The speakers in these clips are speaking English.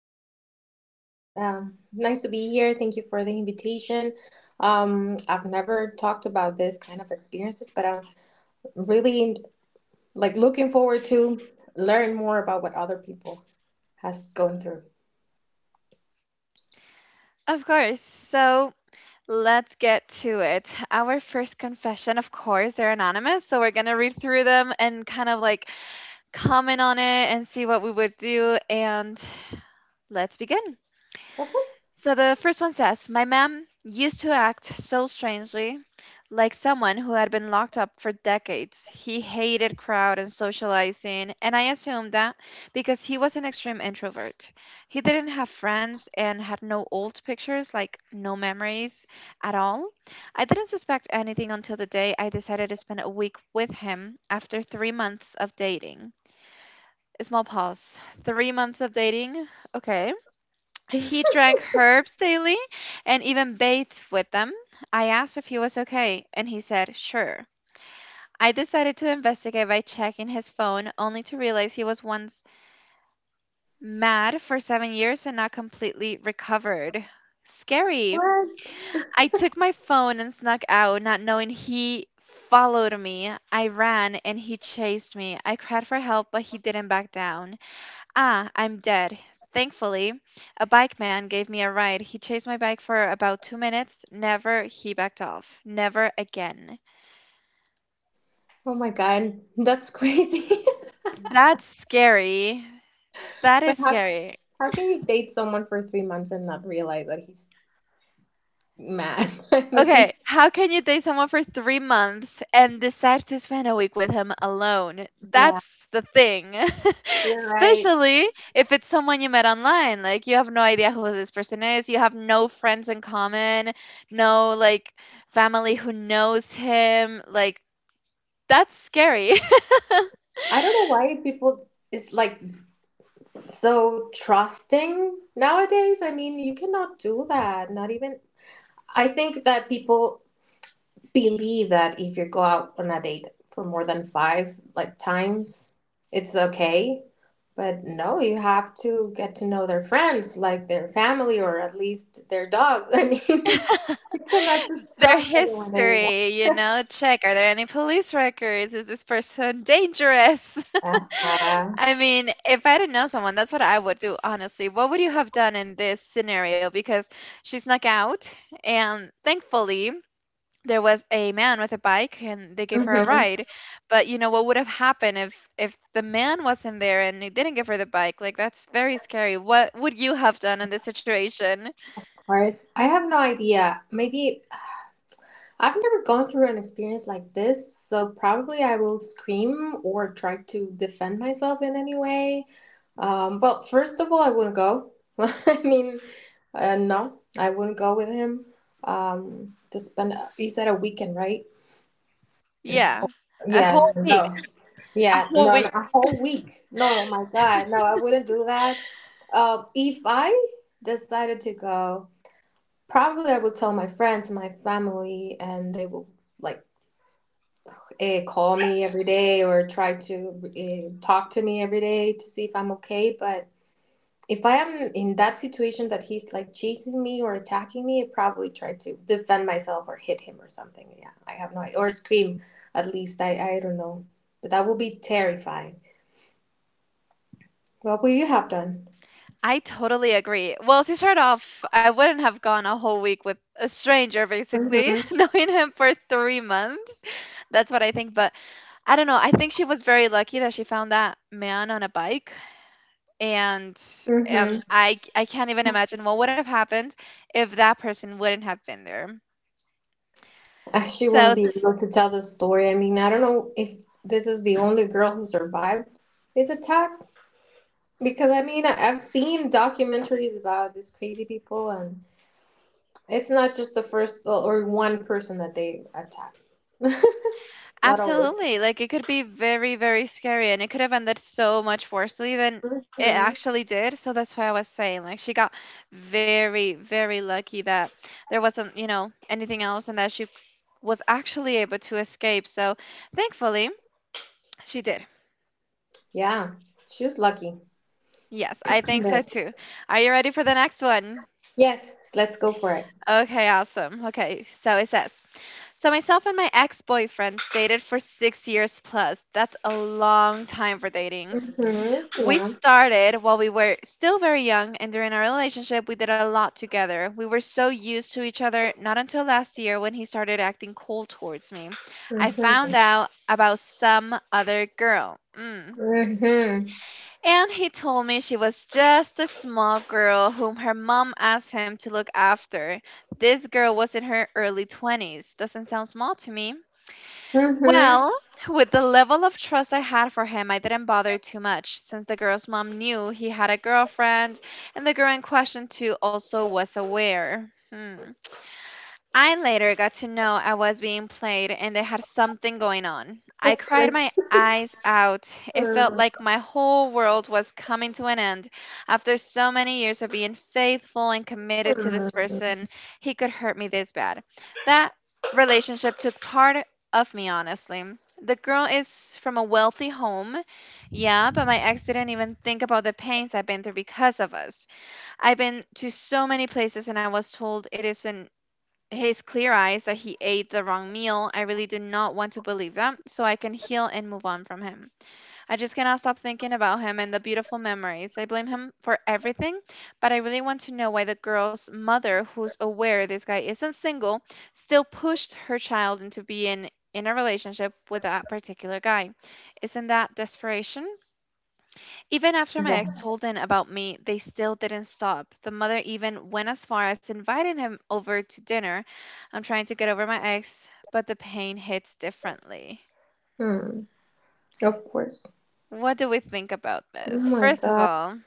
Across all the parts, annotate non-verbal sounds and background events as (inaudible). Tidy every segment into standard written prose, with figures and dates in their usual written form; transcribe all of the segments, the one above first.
Oh, hello, Jackie. Nice to be here. Thank you for the invitation. I've never talked about this kind of experiences, but I'm really like looking forward to learn more about what other people has gone through. Of course. So, let's get to it. Our first confession, of course, they're anonymous, so we're going to read through them and kind of like comment on it and see what we would do. And let's begin. So the first one says, My mom used to act so strangely, like someone who had been locked up for decades. He hated crowd and socializing, and I assumed that because he was an extreme introvert. He didn't have friends and had no old pictures, like no memories at all. I didn't suspect anything until the day I decided to spend a week with him after 3 months of dating. Small pause. 3 months of dating? Okay. He (laughs) drank herbs daily and even bathed with them. I asked if he was okay, and he said, sure. I decided to investigate by checking his phone, only to realize he was once mad for 7 years and not completely recovered. Scary. What? I took my phone and snuck out, not knowing he followed me. I ran and he chased me. I cried for help, but he didn't back down. Ah, I'm dead. Thankfully, a bike man gave me a ride. He chased my bike for about 2 minutes. Never, he backed off. Never again. Oh my God, that's crazy. That's scary. That (laughs) But is how scary. how can you date someone for 3 months and not realize that he's mad? (laughs) I Okay, mean, how can you date someone for 3 months and decide to spend a week with him alone? yeah, That's the thing. (laughs) you're right. Especially if it's someone you met online. Like, you have no idea who this person is. You have no friends in common, no, like, family who knows him. Like, that's scary. (laughs) I don't know why people. It's like so trusting nowadays. I mean, you cannot do that, not even. I think that people believe that if you go out on a date for more than five like times, it's okay, but no, you have to get to know their friends, like their family, or at least their dog. (laughs) I mean, you cannot just Their trust anyone anymore. history, check are there any police records? Is this person dangerous? (laughs) (laughs) Uh-huh. I mean, if I didn't know someone, that's what I would do, honestly. What would you have done in this scenario? Because she snuck out, and thankfully, there was a man with a bike and they gave her a ride. Of But you know what would have happened if the man wasn't there and he didn't give her the bike? Like that's very scary. What would you have done in this situation? course, I have no idea. Maybe I've never gone through an experience like this, so probably I will scream or try to defend myself in any way. Well, first of all, I wouldn't go. (laughs) I mean, no, I wouldn't go with him to spend, you said a weekend, right? Yeah. A Yes, whole week. no. A Yeah, whole no, no, week. a whole week. No, my God, no, I wouldn't do that. If I decided to go, probably I would tell my friends, my family, and they will, like, call me every day or try to, talk to me every day to see if I'm okay. But if I am in that situation that he's like chasing me or attacking me, I probably try to defend myself or hit him or something. Yeah, I have no idea. Or scream, at least. I don't know. But that will be terrifying. What would you have done? I totally agree. Well, to start off, I wouldn't have gone a whole week with a stranger, basically, Mm-hmm. (laughs) knowing him for 3 months. That's what I think. But I don't know. I think she was very lucky that she found that man on a bike, and and Mm-hmm. I can't even imagine what would have happened if that person wouldn't have been there. I actually So, wouldn't be able to tell the story. I mean, I don't know if this is the only girl who survived his attack, because I mean, I've seen documentaries about these crazy people, and it's not just the first, well, or one person that they attack. (laughs) Not always. absolutely. Like it could be very, very scary and it could have ended so much worseley than it Hmm, actually did. So that's why I was saying like she got very, very lucky that there wasn't, anything else and that she was actually able to escape. So thankfully she did. yeah, she was lucky. Yes, I think so Yeah. too. Are you ready for the next one? Yes, let's go for it. Okay, awesome. Okay, so it says, so myself and my ex-boyfriend dated for 6 years plus. That's a long time for dating. Hmm, We yeah. started while we were still very young, and during our relationship, we did a lot together. We were so used to each other, not until last year when he started acting cold towards me. I found Hmm. out about some other girl. Mm. Hmm. Hmm. And he told me she was just a small girl whom her mom asked him to look after. This girl was in her early 20s. Doesn't sound small to me. Well, with the level of trust I had for him, I didn't bother too much since the girl's mom knew he had a girlfriend and the girl in question too also was aware. Hmm. I later got to know I was being played and they had something going on. I Of cried course. my (laughs) eyes out. It felt Hmm, like my whole world was coming to an end. After so many years of being faithful and committed to this person, he could hurt me this bad. That relationship took part of me, honestly. The girl is from a wealthy home. Yeah, but my ex didn't even think about the pains I've been through because of us. I've been to so many places and I was told it isn't his clear eyes that he ate the wrong meal. I really do not want to believe that, so I can heal and move on from him. I just cannot stop thinking about him and the beautiful memories. I blame him for everything, but I really want to know why the girl's mother, who's aware this guy isn't single, still pushed her child into being in a relationship with that particular guy. Isn't that desperation? Even after my ex yeah. told them about me, they still didn't stop. The mother even went as far as inviting him over to dinner. I'm trying to get over my ex, but the pain hits differently. Mm. Of course. What do we think about Oh this? my First of God. all,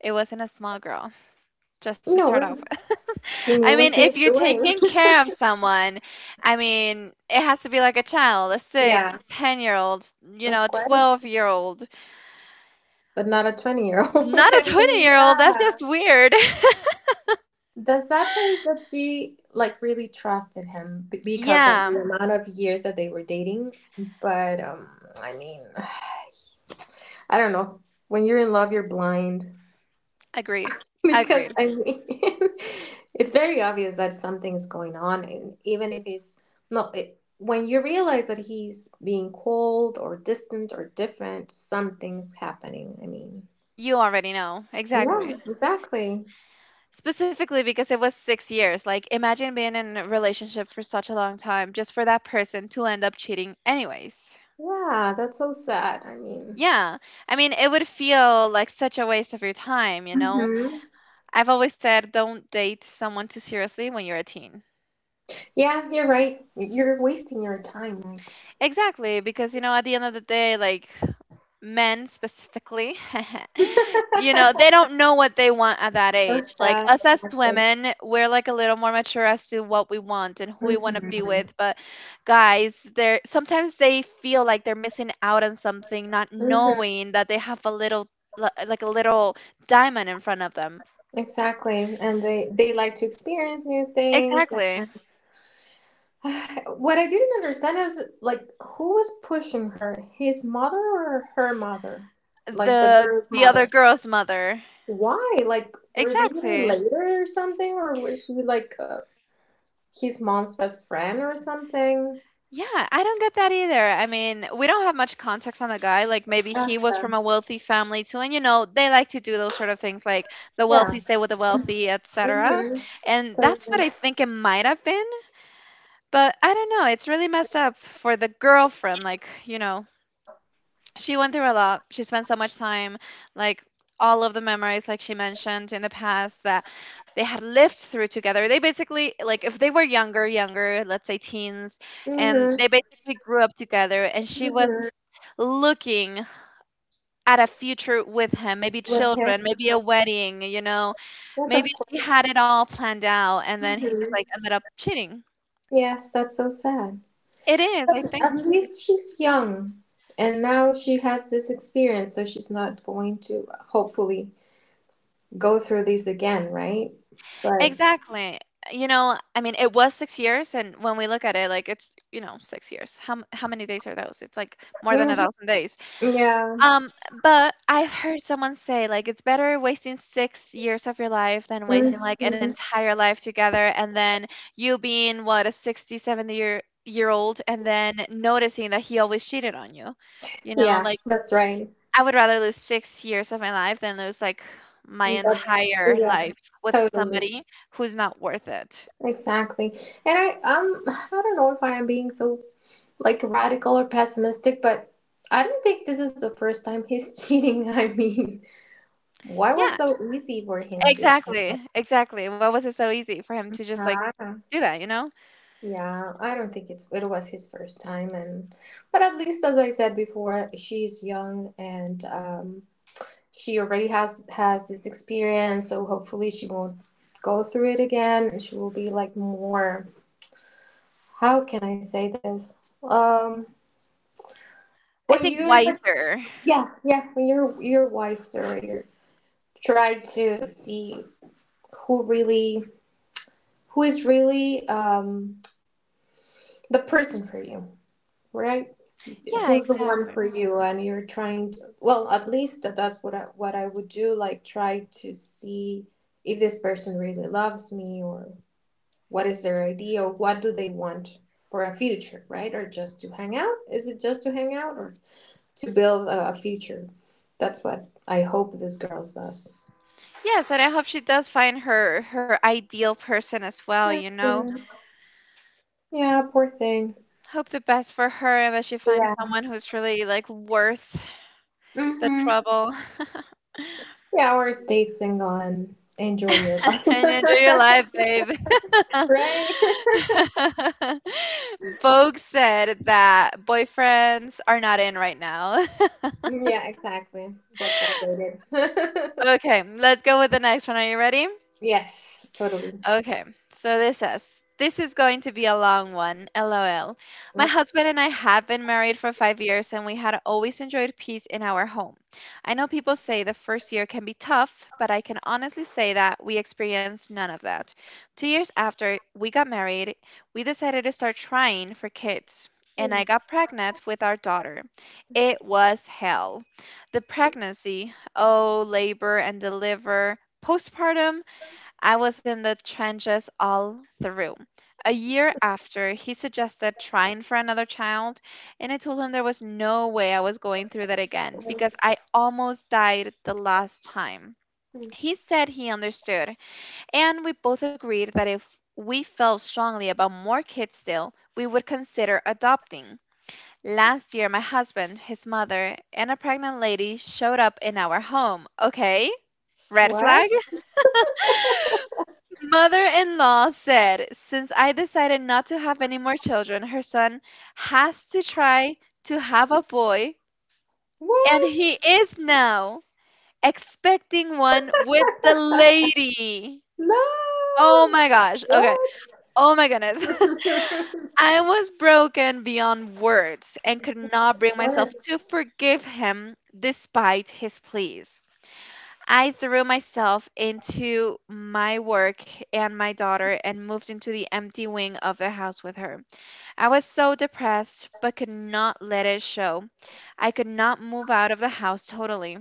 it wasn't a small girl, just to start No, off with. (laughs) she I knew mean, what she if was you're taking doing. care of someone, I mean, it has to be like a child, a (laughs) Yeah, 610 year old, of a course. 12-year-old, But not a 20-year-old. (laughs) not a I 20 mean, year old. That's just yeah. weird. The sad part is that she like really trusted him b- (laughs) because of Yeah, the amount of years that they were dating. But I mean, (sighs) I don't know. When you're in love, you're blind agreed. (laughs) because Agreed. I mean, (laughs) it's very obvious that something's going on, and even if it's no, it, when you realize that he's being cold or distant or different, something's happening. I mean, You already know. yeah, Exactly. exactly. Specifically because it was 6 years. Like, imagine being in a relationship for such a long time just for that person to end up cheating, anyways. Yeah, that's so sad. I mean, Yeah. I mean, it would feel like such a waste of your time, you know? hmm, I've always said don't date someone too seriously when you're a teen. yeah, you're right. You're wasting your time, like. Exactly. Because, at the end of the day, like, men specifically, (laughs) (laughs) they don't know what they want at that So age. Like sad, us as exactly. women, we're like a little more mature as to what we want and who we want to be Hmm. with. But guys, they're sometimes they feel like they're missing out on something, not Hmm. knowing that they have a little like a little diamond in front of them. Exactly. And they like to experience new things Exactly. (sighs) What I didn't understand is like who was pushing her? His mother or her mother? Like the The girl's the other mother. girl's mother. Why? Like were they Exactly. related or something? Or was she like his mom's best friend or something? Yeah, I don't get that either. I mean, we don't have much context on the guy. Like maybe he was Okay. from a wealthy family too, and you know they like to do those sort of things, like the Yeah. wealthy stay with the wealthy, etc. Mhm. And that's Totally. what I think it might have been. But I don't know. It's really messed up for the girlfriend. Like she went through a lot. She spent so much time, like all of the memories, like she mentioned in the past, that they had lived through together. They basically, like, if they were younger, younger, let's say teens, and Mhm. they basically grew up together, and she was Mhm. looking at a future with him, maybe With her. children, maybe a wedding, Yes, maybe of she course. had it all planned out, and then he just Mhm. like ended up cheating. Yes, that's so sad. It is, I But think. at least she's young, and now she has this experience, so she's not going to hopefully go through these again, right? But Exactly. I mean, it was 6 years, and when we look at it, like it's 6 years. How how many days are those? It's like more than Mhm. 1,000 days. Yeah. Um, but I've heard someone say like it's better wasting 6 years of your life than Mhm. wasting like an entire life together, and then you being what a 60, seventy year old, and then noticing that he always cheated on you. You know, Yeah, like that's right. I would rather lose 6 years of my life than lose, like, my That's, entire yes. life with Totally. somebody who's not worth it. Exactly. And I don't know if I am being so like radical or pessimistic, but I don't think this is the first time he's cheating. (laughs) I mean, why was Yeah, so easy for him to do it? exactly, exactly. Why was it so easy for him to just, like, Ah. do that, you know? Yeah, I don't think it was his first time, and but at least as I said before, she's young and she already has this experience, so hopefully she won't go through it again, and she will be like more. How can I say this? Um, I when think you're like, wiser. yeah, yeah, when you're wiser, you're try to see who really who is really the person for you, right? Yeah, Who's the one exactly. for you? And you're trying to, well, at least that's what I would do, like try to see if this person really loves me or what is their idea or what do they want for a future, right? Or just to hang out? Is it just to hang out or to build a future? That's what I hope this girl does. Yes, and I hope she does find her ideal person as well, you Poor know? thing. Yeah, poor thing. Hope the best for her and that she finds Yeah. someone who's really, like, worth the Mm-hmm. trouble. Yeah, or stay single and enjoy your (laughs) And life. enjoy your life, babe. (laughs) Right? (laughs) Vogue said that boyfriends are not in right now. Mm, yeah, exactly. That's what they did. (laughs) (laughs) Okay, let's go with the next one. Are you ready? Yes, totally. Okay, so this says, this is going to be a long one, lol. My husband and I have been married for 5 years and we had always enjoyed peace in our home. I know people say the first year can be tough, but I can honestly say that we experienced none of that. 2 years after we got married, we decided to start trying for kids. And I got pregnant with our daughter. It was hell. The pregnancy, oh, labor and deliver, postpartum, I was in the trenches all through. A year after, he suggested trying for another child, and I told him there was no way I was going through that again Okay. because I almost died the last time. Hmm. He said he understood, and we both agreed that if we felt strongly about more kids still, we would consider adopting. Last year, my husband, his mother, and a pregnant lady showed up in our home. Okay, red What? flag? Mother-in-law said, "Since I decided not to have any more children, her son has to try to have a boy, and he What? is now expecting one with the (laughs) lady." No! Oh my gosh. Okay. What? Oh my goodness. (laughs) (laughs) I was broken beyond words and could not bring myself What? to forgive him despite his pleas. I threw myself into my work and my daughter and moved into the empty wing of the house with her. I was so depressed, but could not let it show. I could not move out of the house totally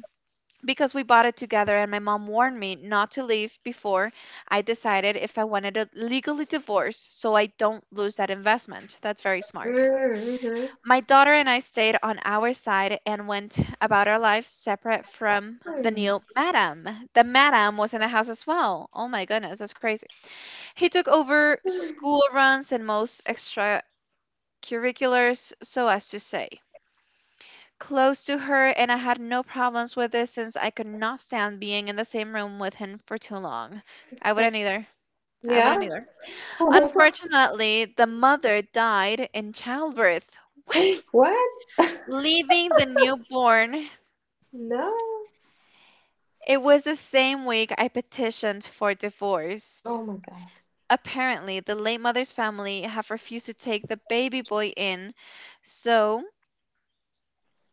because we bought it together, and my mom warned me not to leave before I decided if I wanted to legally divorce so I don't lose that investment. That's very smart. Mm-hmm. My daughter and I stayed on our side and went about our lives separate from the Hmm. new madam. The madam was in the house as well. Oh my goodness, that's crazy. He took over school runs and most extracurriculars, so as to say, close to her, and I had no problems with this since I could not stand being in the same room with him for too long. I What? wouldn't either. I wouldn't Yeah? either. Unfortunately, the mother died in childbirth. What? (laughs) What? Leaving the newborn. No. It was the same week I petitioned for divorce. Oh my God. Apparently, the late mother's family have refused to take the baby boy in, so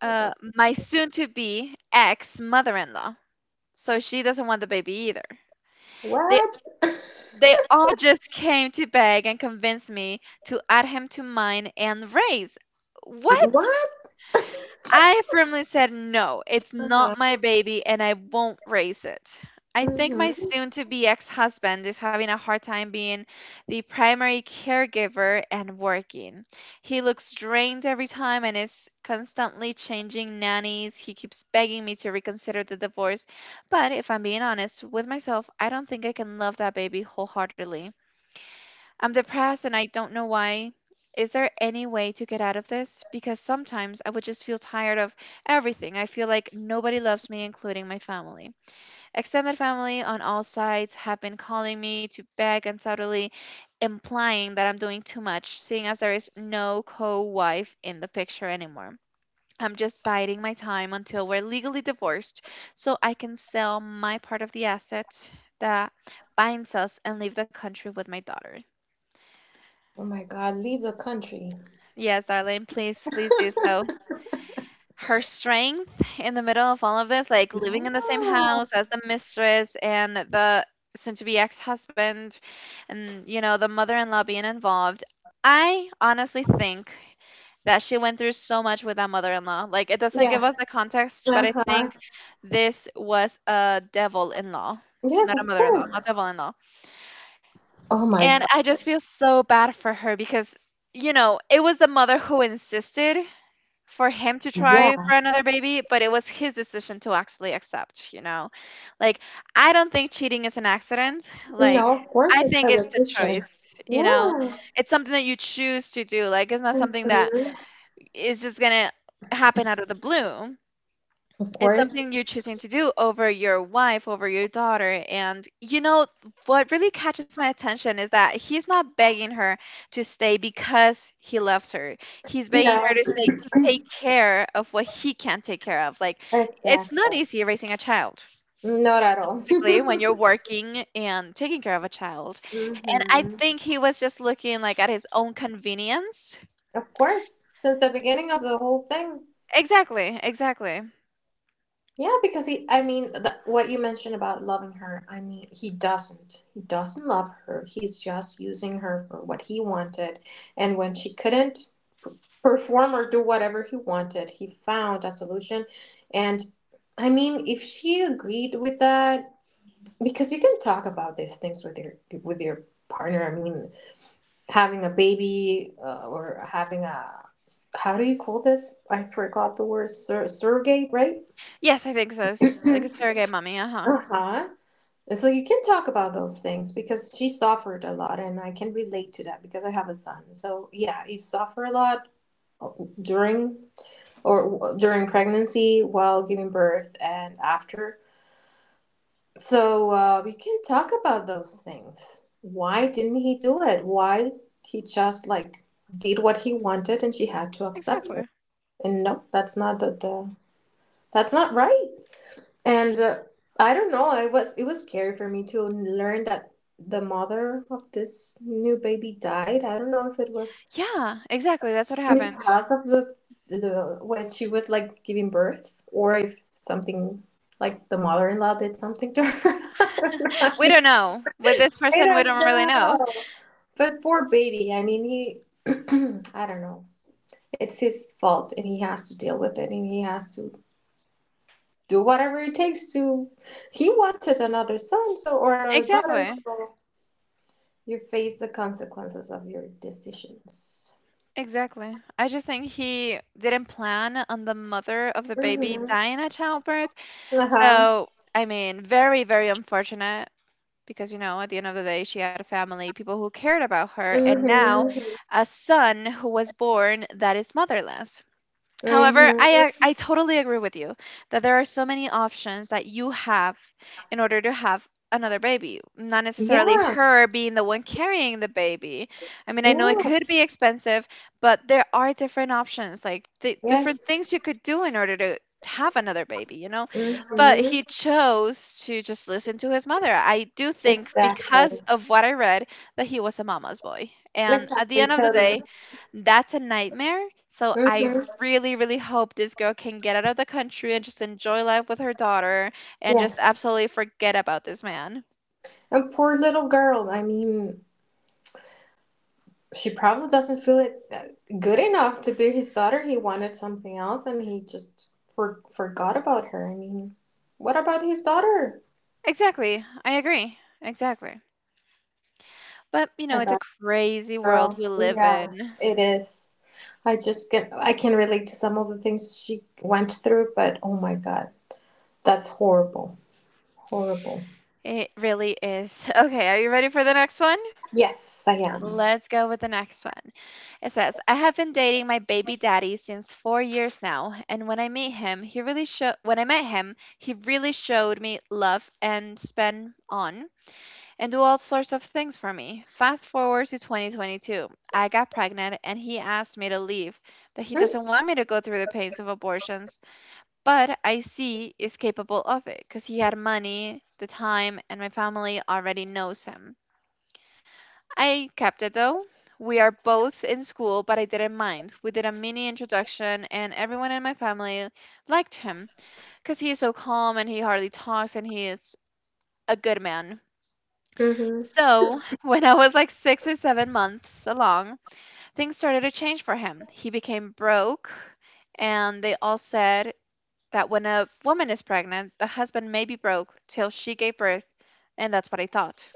my soon to be ex mother in law. So she doesn't want the baby either. They What? they all just came to beg and convince me to add him to mine and raise. (laughs) What? What? (laughs) I firmly said no, it's Uh-huh. not my baby and I won't raise it. I think my Hmm. soon to be ex husband is having a hard time being the primary caregiver and working. He looks drained every time and is constantly changing nannies. He keeps begging me to reconsider the divorce. But if I'm being honest with myself, I don't think I can love that baby wholeheartedly. I'm depressed and I don't know why. Is there any way to get out of this? Because sometimes I would just feel tired of everything. I feel like nobody loves me, including my family. Extended family on all sides have been calling me to beg and subtly implying that I'm doing too much, seeing as there is no co wife in the picture anymore. I'm just biding my time until we're legally divorced so I can sell my part of the asset that binds us and leave the country with my daughter. Oh my God, leave the country. Yes, Darlene, please, please do so. Her strength in the middle of all of this, like living in the same Yeah. house as the mistress and the soon-to-be ex-husband, and you know, the mother-in-law being involved. I honestly think that she went through so much with that mother-in-law. Like, it doesn't give us Yes. the context, but I Uh-huh. think this was a devil-in-law, Yes, not a of mother-in-law, a course. devil-in-law. Oh my And God. I just feel so bad for her because, you know, it was the mother who insisted for him to try Yeah. for another baby, but it was his decision to actually accept, you know? Like, I don't think cheating is an accident. Like, No, of course I it's think it's a a decision. choice, you know? Yeah. It's something that you choose to do. Like, it's not something that Hmm. is just going to happen out of the blue. Of It's course. something you're choosing to do over your wife, over your daughter. And you know, what really catches my attention is that he's not begging her to stay because he loves her. He's begging her No. to stay to take (clears throat) care of what he can't take care of. Like, it's not Exactly. easy raising a child. Not at all. (laughs) Specifically, when you're working and taking care of a child. And I Hmm. think he was just looking like at his own convenience. Of course. Since the beginning of the whole thing. Exactly, exactly. Yeah, because he, I mean, what you mentioned about loving her, I mean, he doesn't. He doesn't love her. He's just using her for what he wanted. And when she couldn't perform or do whatever he wanted, he found a solution. And I mean, if she agreed with that, because you can talk about these things with your partner. I mean, having a baby or having a, how do you call this? I forgot the word. Surrogate, right? Yes, I think so. (clears throat) uh Like a surrogate mommy, uh huh. huh. And so you can talk about those things because she suffered a lot, and I can relate to that because I have a son. So yeah, you suffer a lot during or during pregnancy, while giving birth, and after. So you can talk about those things. Why didn't he do it? Why he just like did what he wanted, and she had to accept it. Exactly. And no, that's not right. And I don't know. I was it was scary for me to learn that the mother of this new baby died. I don't know if it was Yeah, exactly, that's what happened. because of the when she was like giving birth, or if something like the mother-in-law did something to her. (laughs) I don't We know. don't know. With this I person, we don't don't really know. know. But poor baby. I mean, he. (clears throat) I don't know. It's his fault, and he has to deal with it, and he has to do whatever it takes to, he wanted another son, so or another daughter, Exactly. so you face the consequences of your decisions. Exactly. I just think he didn't plan on the mother of the baby Hmm. dying at childbirth. Uh-huh. So, I mean, very, very unfortunate because, you know, at the end of the day, she had a family, people who cared about her, and now Hmm. a son who was born that is motherless. However, Hmm. I totally agree with you that there are so many options that you have in order to have another baby, not necessarily Yeah. her being the one carrying the baby. I mean, I know it Yeah. could be expensive, but there are different options, like different Yes. things you could do in order to have another baby, you know? Hmm. But he chose to just listen to his mother. I do think Exactly. because of what I read that he was a mama's boy. And at the Exactly. end of the Totally. day, that's a nightmare. So I Hmm. really, really hope this girl can get out of the country and just enjoy life with her daughter and just Yes. absolutely forget about this man. And poor little girl. I mean, she probably doesn't feel it good enough to be his daughter. He wanted something else and he just forgot about her. I mean, what about his daughter? Exactly. I agree. Exactly. But, you know, My it's a God, crazy world girl. we live Yeah, in. it is. I can relate to some of the things she went through, but oh my God, that's horrible. Horrible. It really is. (laughs) Okay, are you ready for the next one? Yes, I am. Let's go with the next one. It says, I have been dating my baby daddy since 4 years now, and when I met him, he really showed me love and spent on and do all sorts of things for me. Fast forward to 2022. I got pregnant and he asked me to leave, that he Mm-hmm. doesn't want me to go through the pains of abortions, but I see is capable of it because he had money, the time, and my family already knows him. I kept it though. We are both in school, but I didn't mind. We did a mini introduction, and everyone in my family liked him because he is so calm and he hardly talks and he is a good man. So, (laughs) when I was like 6 or 7 months along, things started to change for him. He became broke, and they all said that when a woman is pregnant, the husband may be broke till she gave birth, and that's what I thought.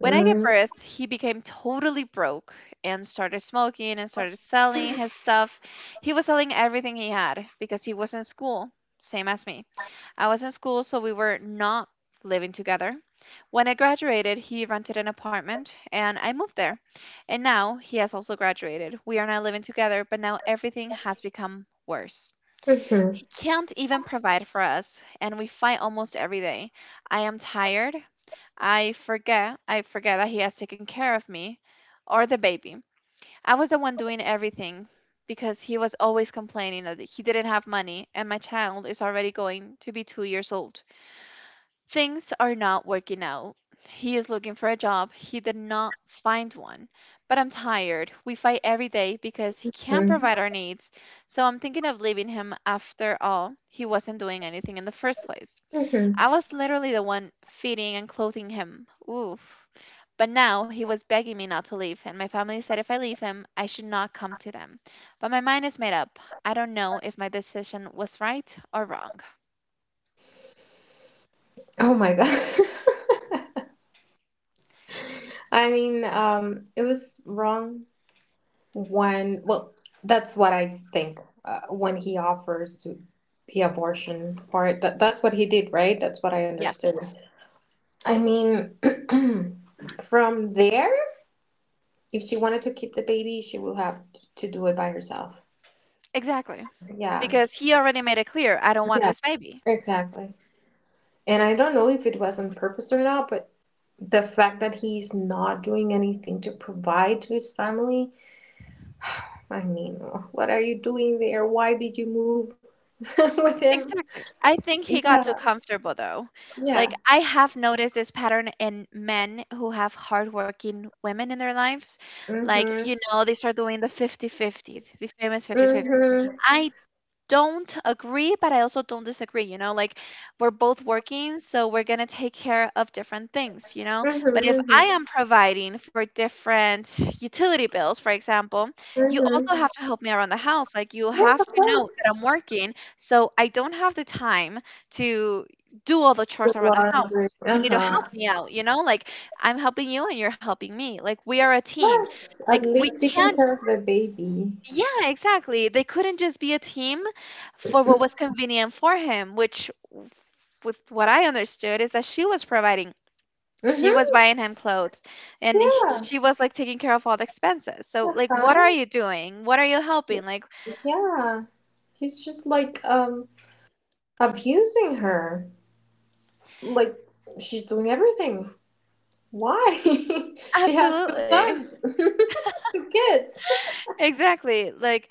When I gave birth, he became totally broke and started smoking and started selling his stuff. He was selling everything he had because he was in school, same as me. I was in school, so we were not living together. When I graduated, he rented an apartment and I moved there. And now he has also graduated. We are now living together, but now everything has become worse. Mm-hmm. He can't even provide for us, and we fight almost every day. I am tired. I forget. I forget that he has taken care of me or the baby. I was the one doing everything because he was always complaining that he didn't have money, and my child is already going to be 2 years old. Things are not working out. He is looking for a job. He did not find one. But I'm tired. We fight every day because he can't provide our needs. So I'm thinking of leaving him after all. He wasn't doing anything in the first place. Mm-hmm. I was literally the one feeding and clothing him. Oof. But now he was begging me not to leave, and my family said if I leave him, I should not come to them. But my mind is made up. I don't know if my decision was right or wrong. Oh my God. (laughs) I mean, it was wrong when, well, that's what I think, when he offers to the abortion part, that's what he did, right? That's what I Yes. understood. I mean, (clears throat) from there if she wanted to keep the baby she would have to do it by herself. Exactly. Yeah. Because he already made it clear, "I don't want Yeah, this baby." exactly. And I don't know if it was on purpose or not, but the fact that he's not doing anything to provide to his family, I mean, what are you doing there? Why did you move (laughs) with him? Exactly. I think he got too Yeah. comfortable though. Like Yeah. I have noticed this pattern in men who have hardworking women in their lives. Like, Mhm. you know, they start doing the 50 fifty, the famous 50-50. Mhm. I don't agree, but I also don't disagree. You know, like we're both working, so we're going to take care of different things, you know. But if Mhm. Mhm. I am providing for different utility bills, for example, you Mhm. also have to help me around the house. Like you Yes, have of to know course. that I'm working, so I don't have the time to do all the The chores around the house. laundry. You Uh need to help huh. me out, you know? Like I'm helping you and you're helping me. Like we are a team. Yes. Like At we least can't taking care of the baby. yeah, exactly. They couldn't just be a team for what was convenient for him, which, with what I understood, is that she was providing. She was Mhm. buying him clothes and Yeah. she was like taking care of all the expenses. So, Uh like, what are huh. you doing? What are you helping? Like, Yeah. He's just like abusing her. Like she's doing everything. Why? (laughs) She has two absolutely. sons, (laughs) two kids. Exactly. Like,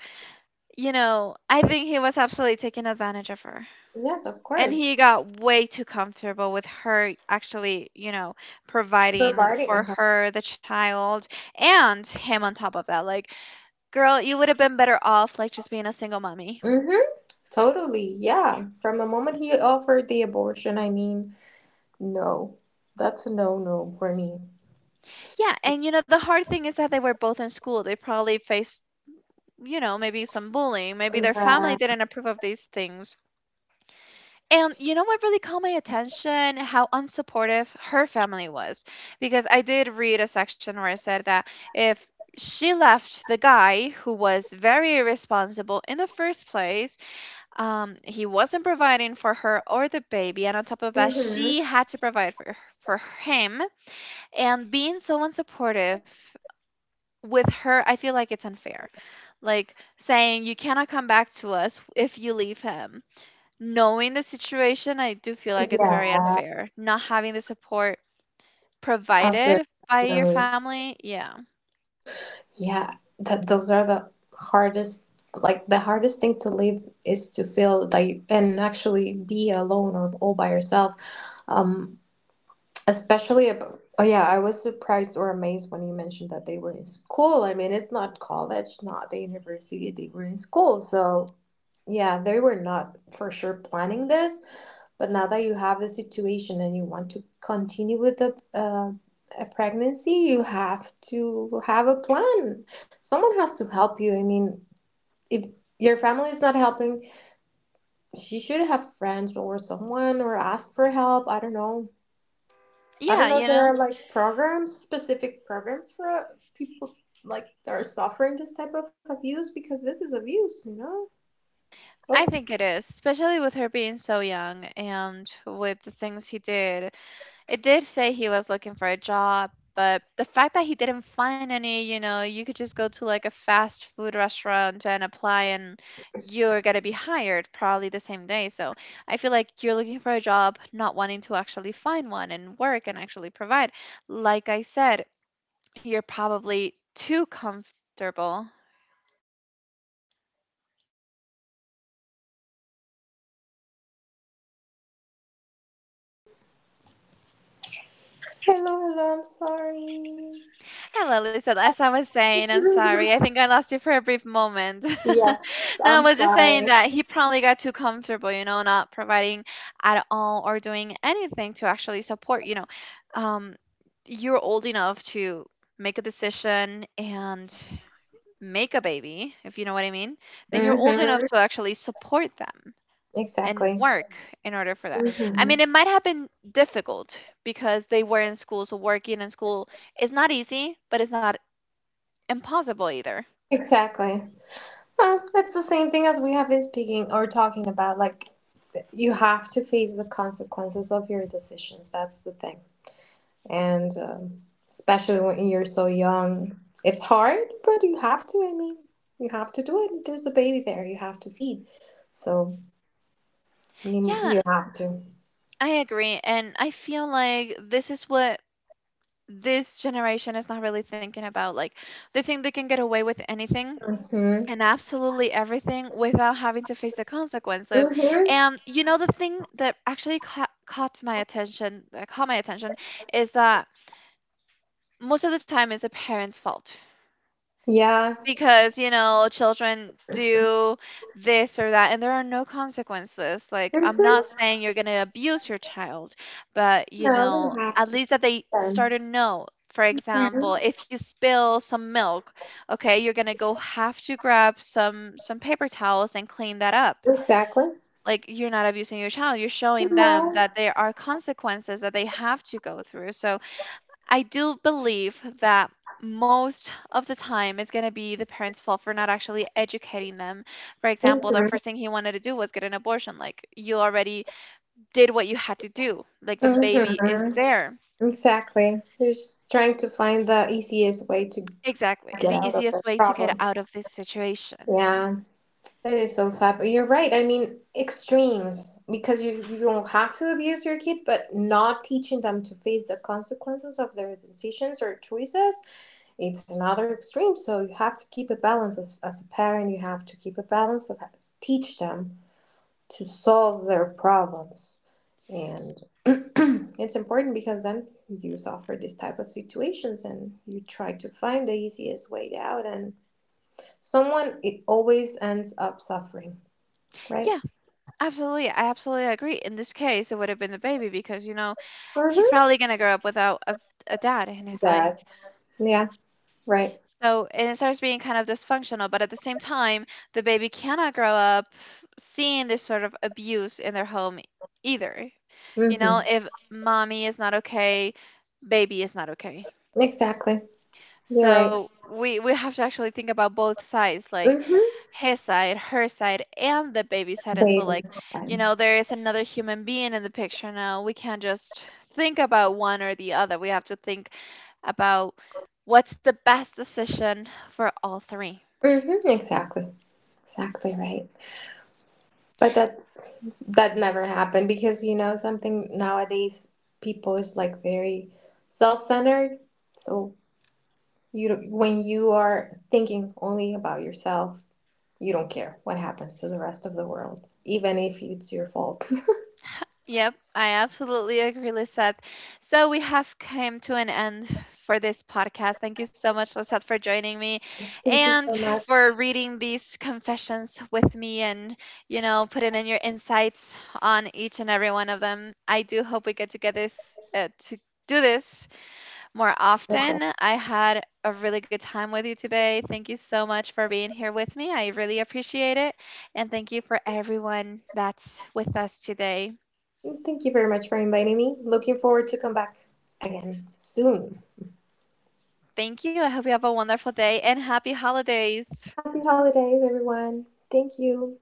you know, I think he was absolutely taking advantage of her. Yes, of And he course. got way too comfortable with her actually, providing Providing. for Uh her, the child, and him on top of that. Like, girl, you would have been better off, like, just being a single mommy. huh. Totally, yeah. From the moment he offered the abortion, I mean, no. That's a no no for me. Yeah. And, the hard thing is that they were both in school. They probably faced, maybe some bullying. Maybe their family Yeah. didn't approve of these things. And you know what really caught my attention? How unsupportive her family was. Because I did read a section where it said that if she left the guy who was very irresponsible in the first place, he wasn't providing for her or the baby. And on top of that, Hmm. she had to provide for, him. And being so unsupportive with her, I feel like it's unfair. Like saying, you cannot come back to us if you leave him. Knowing the situation, I do feel like it's very Yeah. unfair. Not having the support Of your provided by your family, yeah. Yeah. That those are the hardest, like the hardest thing to live, is to feel that you, and actually be alone or all by yourself. Um Especially about, oh yeah, I was surprised or amazed when you mentioned that they were in school. I mean, it's not college, not the university, they were in school. So, yeah, they were not for sure planning this. But now that you have the situation and you want to continue with the a pregnancy, you have to have a plan. Someone has to help you. I mean, if your family is not helping, you should have friends or someone or ask for help. I don't know I don't Yeah, know if you there know, are like programs, specific programs for people like that are suffering this type. I think it is, especially with her being so young and with the things he did. It did say he was looking for a job, but the fact that he didn't find any, you could just go to like a fast food restaurant and apply and you're going to be hired probably the same day. So I feel like you're looking for a job, not wanting to actually find one and work and actually provide. Like I said, you're probably too comfortable. Hello, hello, I'm sorry. Hello, Lisa. As I was saying, I'm sorry. I think I lost you for a brief moment. (laughs) No, I was just saying that he probably got too comfortable, not providing at all or doing anything to actually support. Um, you're old enough to make a decision and make a baby, if you know what I mean. Then you're old enough Hmm. to actually support them and Exactly. work in order for that. I Hmm. mean, it might have been difficult because they were in school, so working in school is not easy, but it's not impossible either. Exactly. Huh, that's the same thing as we have been speaking or talking about. Like, you have to face the consequences of your decisions. That's the thing. And especially when you're so young, it's hard, but you have to. I mean, you have to do it. There's a baby there you have to feed. So you, Yeah, you have to. I agree. And I feel like this is what this generation is not really thinking about. Like, they think they can get away with anything Mm-hmm. and absolutely everything without having to face the consequences. Mm-hmm. And you know, the thing that actually caught, that caught my attention, is that most of the time it's a parents' fault. Yeah. Because children do this or that and there are no consequences. Like I'm not Mm-hmm. saying you're going to abuse your child, but you No, know we have at to. least that they start um, to know. For example, if you spill some milk, okay, you're going to go have to grab some paper towels and clean that up. Exactly. Like you're not abusing your child, you're showing them Hello. that there are consequences that they have to go through. So I do believe that most of the time it's going to be the parents' fault for not actually educating them. For example, the Hmm. first thing he wanted to do was get an abortion. Like, you already did what you had to do, like, the Hmm. baby is there. Exactly. You're just trying to find the easiest way to Exactly. get The out of easiest the way to get problem. out of this situation. Yeah, that is so sad. But you're right. I mean, extremes because you don't have to abuse your kid, but not teaching them to face the consequences of their decisions or choices, it's another extreme. So you have to keep a balance as a parent. You have to keep a balance of teach them to solve their problems. And (clears throat) it's important because then you suffer these type of situations and you try to find the easiest way out and someone it always ends up suffering, right? Yeah, absolutely. I absolutely agree. In this case, it would have been the baby because, he's Mm-hmm. probably going to grow up without a, dad in his life. That. Yeah, right. So, and it starts being kind of dysfunctional, but at the same time, the baby cannot grow up seeing this sort of abuse in their home either. You know, Mm-hmm. if mommy is not okay, baby is not okay. Exactly. You're right. So we have to actually think about both sides, like Mm-hmm. his side, her side, and the baby's side as well. Babies. There is another human being in the picture now. We can't just think about one or the other. We have to think about what's the best decision for all three. Mm-hmm. Exactly. Exactly right. But that never happened because you know something nowadays people is like very self-centered. So you don't- when you are thinking only about yourself, you don't care what happens to the rest of the world, even if it's your fault. (laughs) Yep, I absolutely agree, Lisette. So we have come to an end for this podcast. Thank you so much, Lisette, for joining me Thank you and so much. for reading these confessions with me and, putting in your insights on each and every one of them. I do hope we get to get this to do this more often. That's I had a really good time with you today. Thank you so much for being here with me. I really appreciate it. And thank you for everyone that's with us today. it. Thank you very much for inviting me. Looking forward to come back again soon. Thank you. I hope you have a wonderful day and happy holidays. Happy holidays, everyone. Thank you.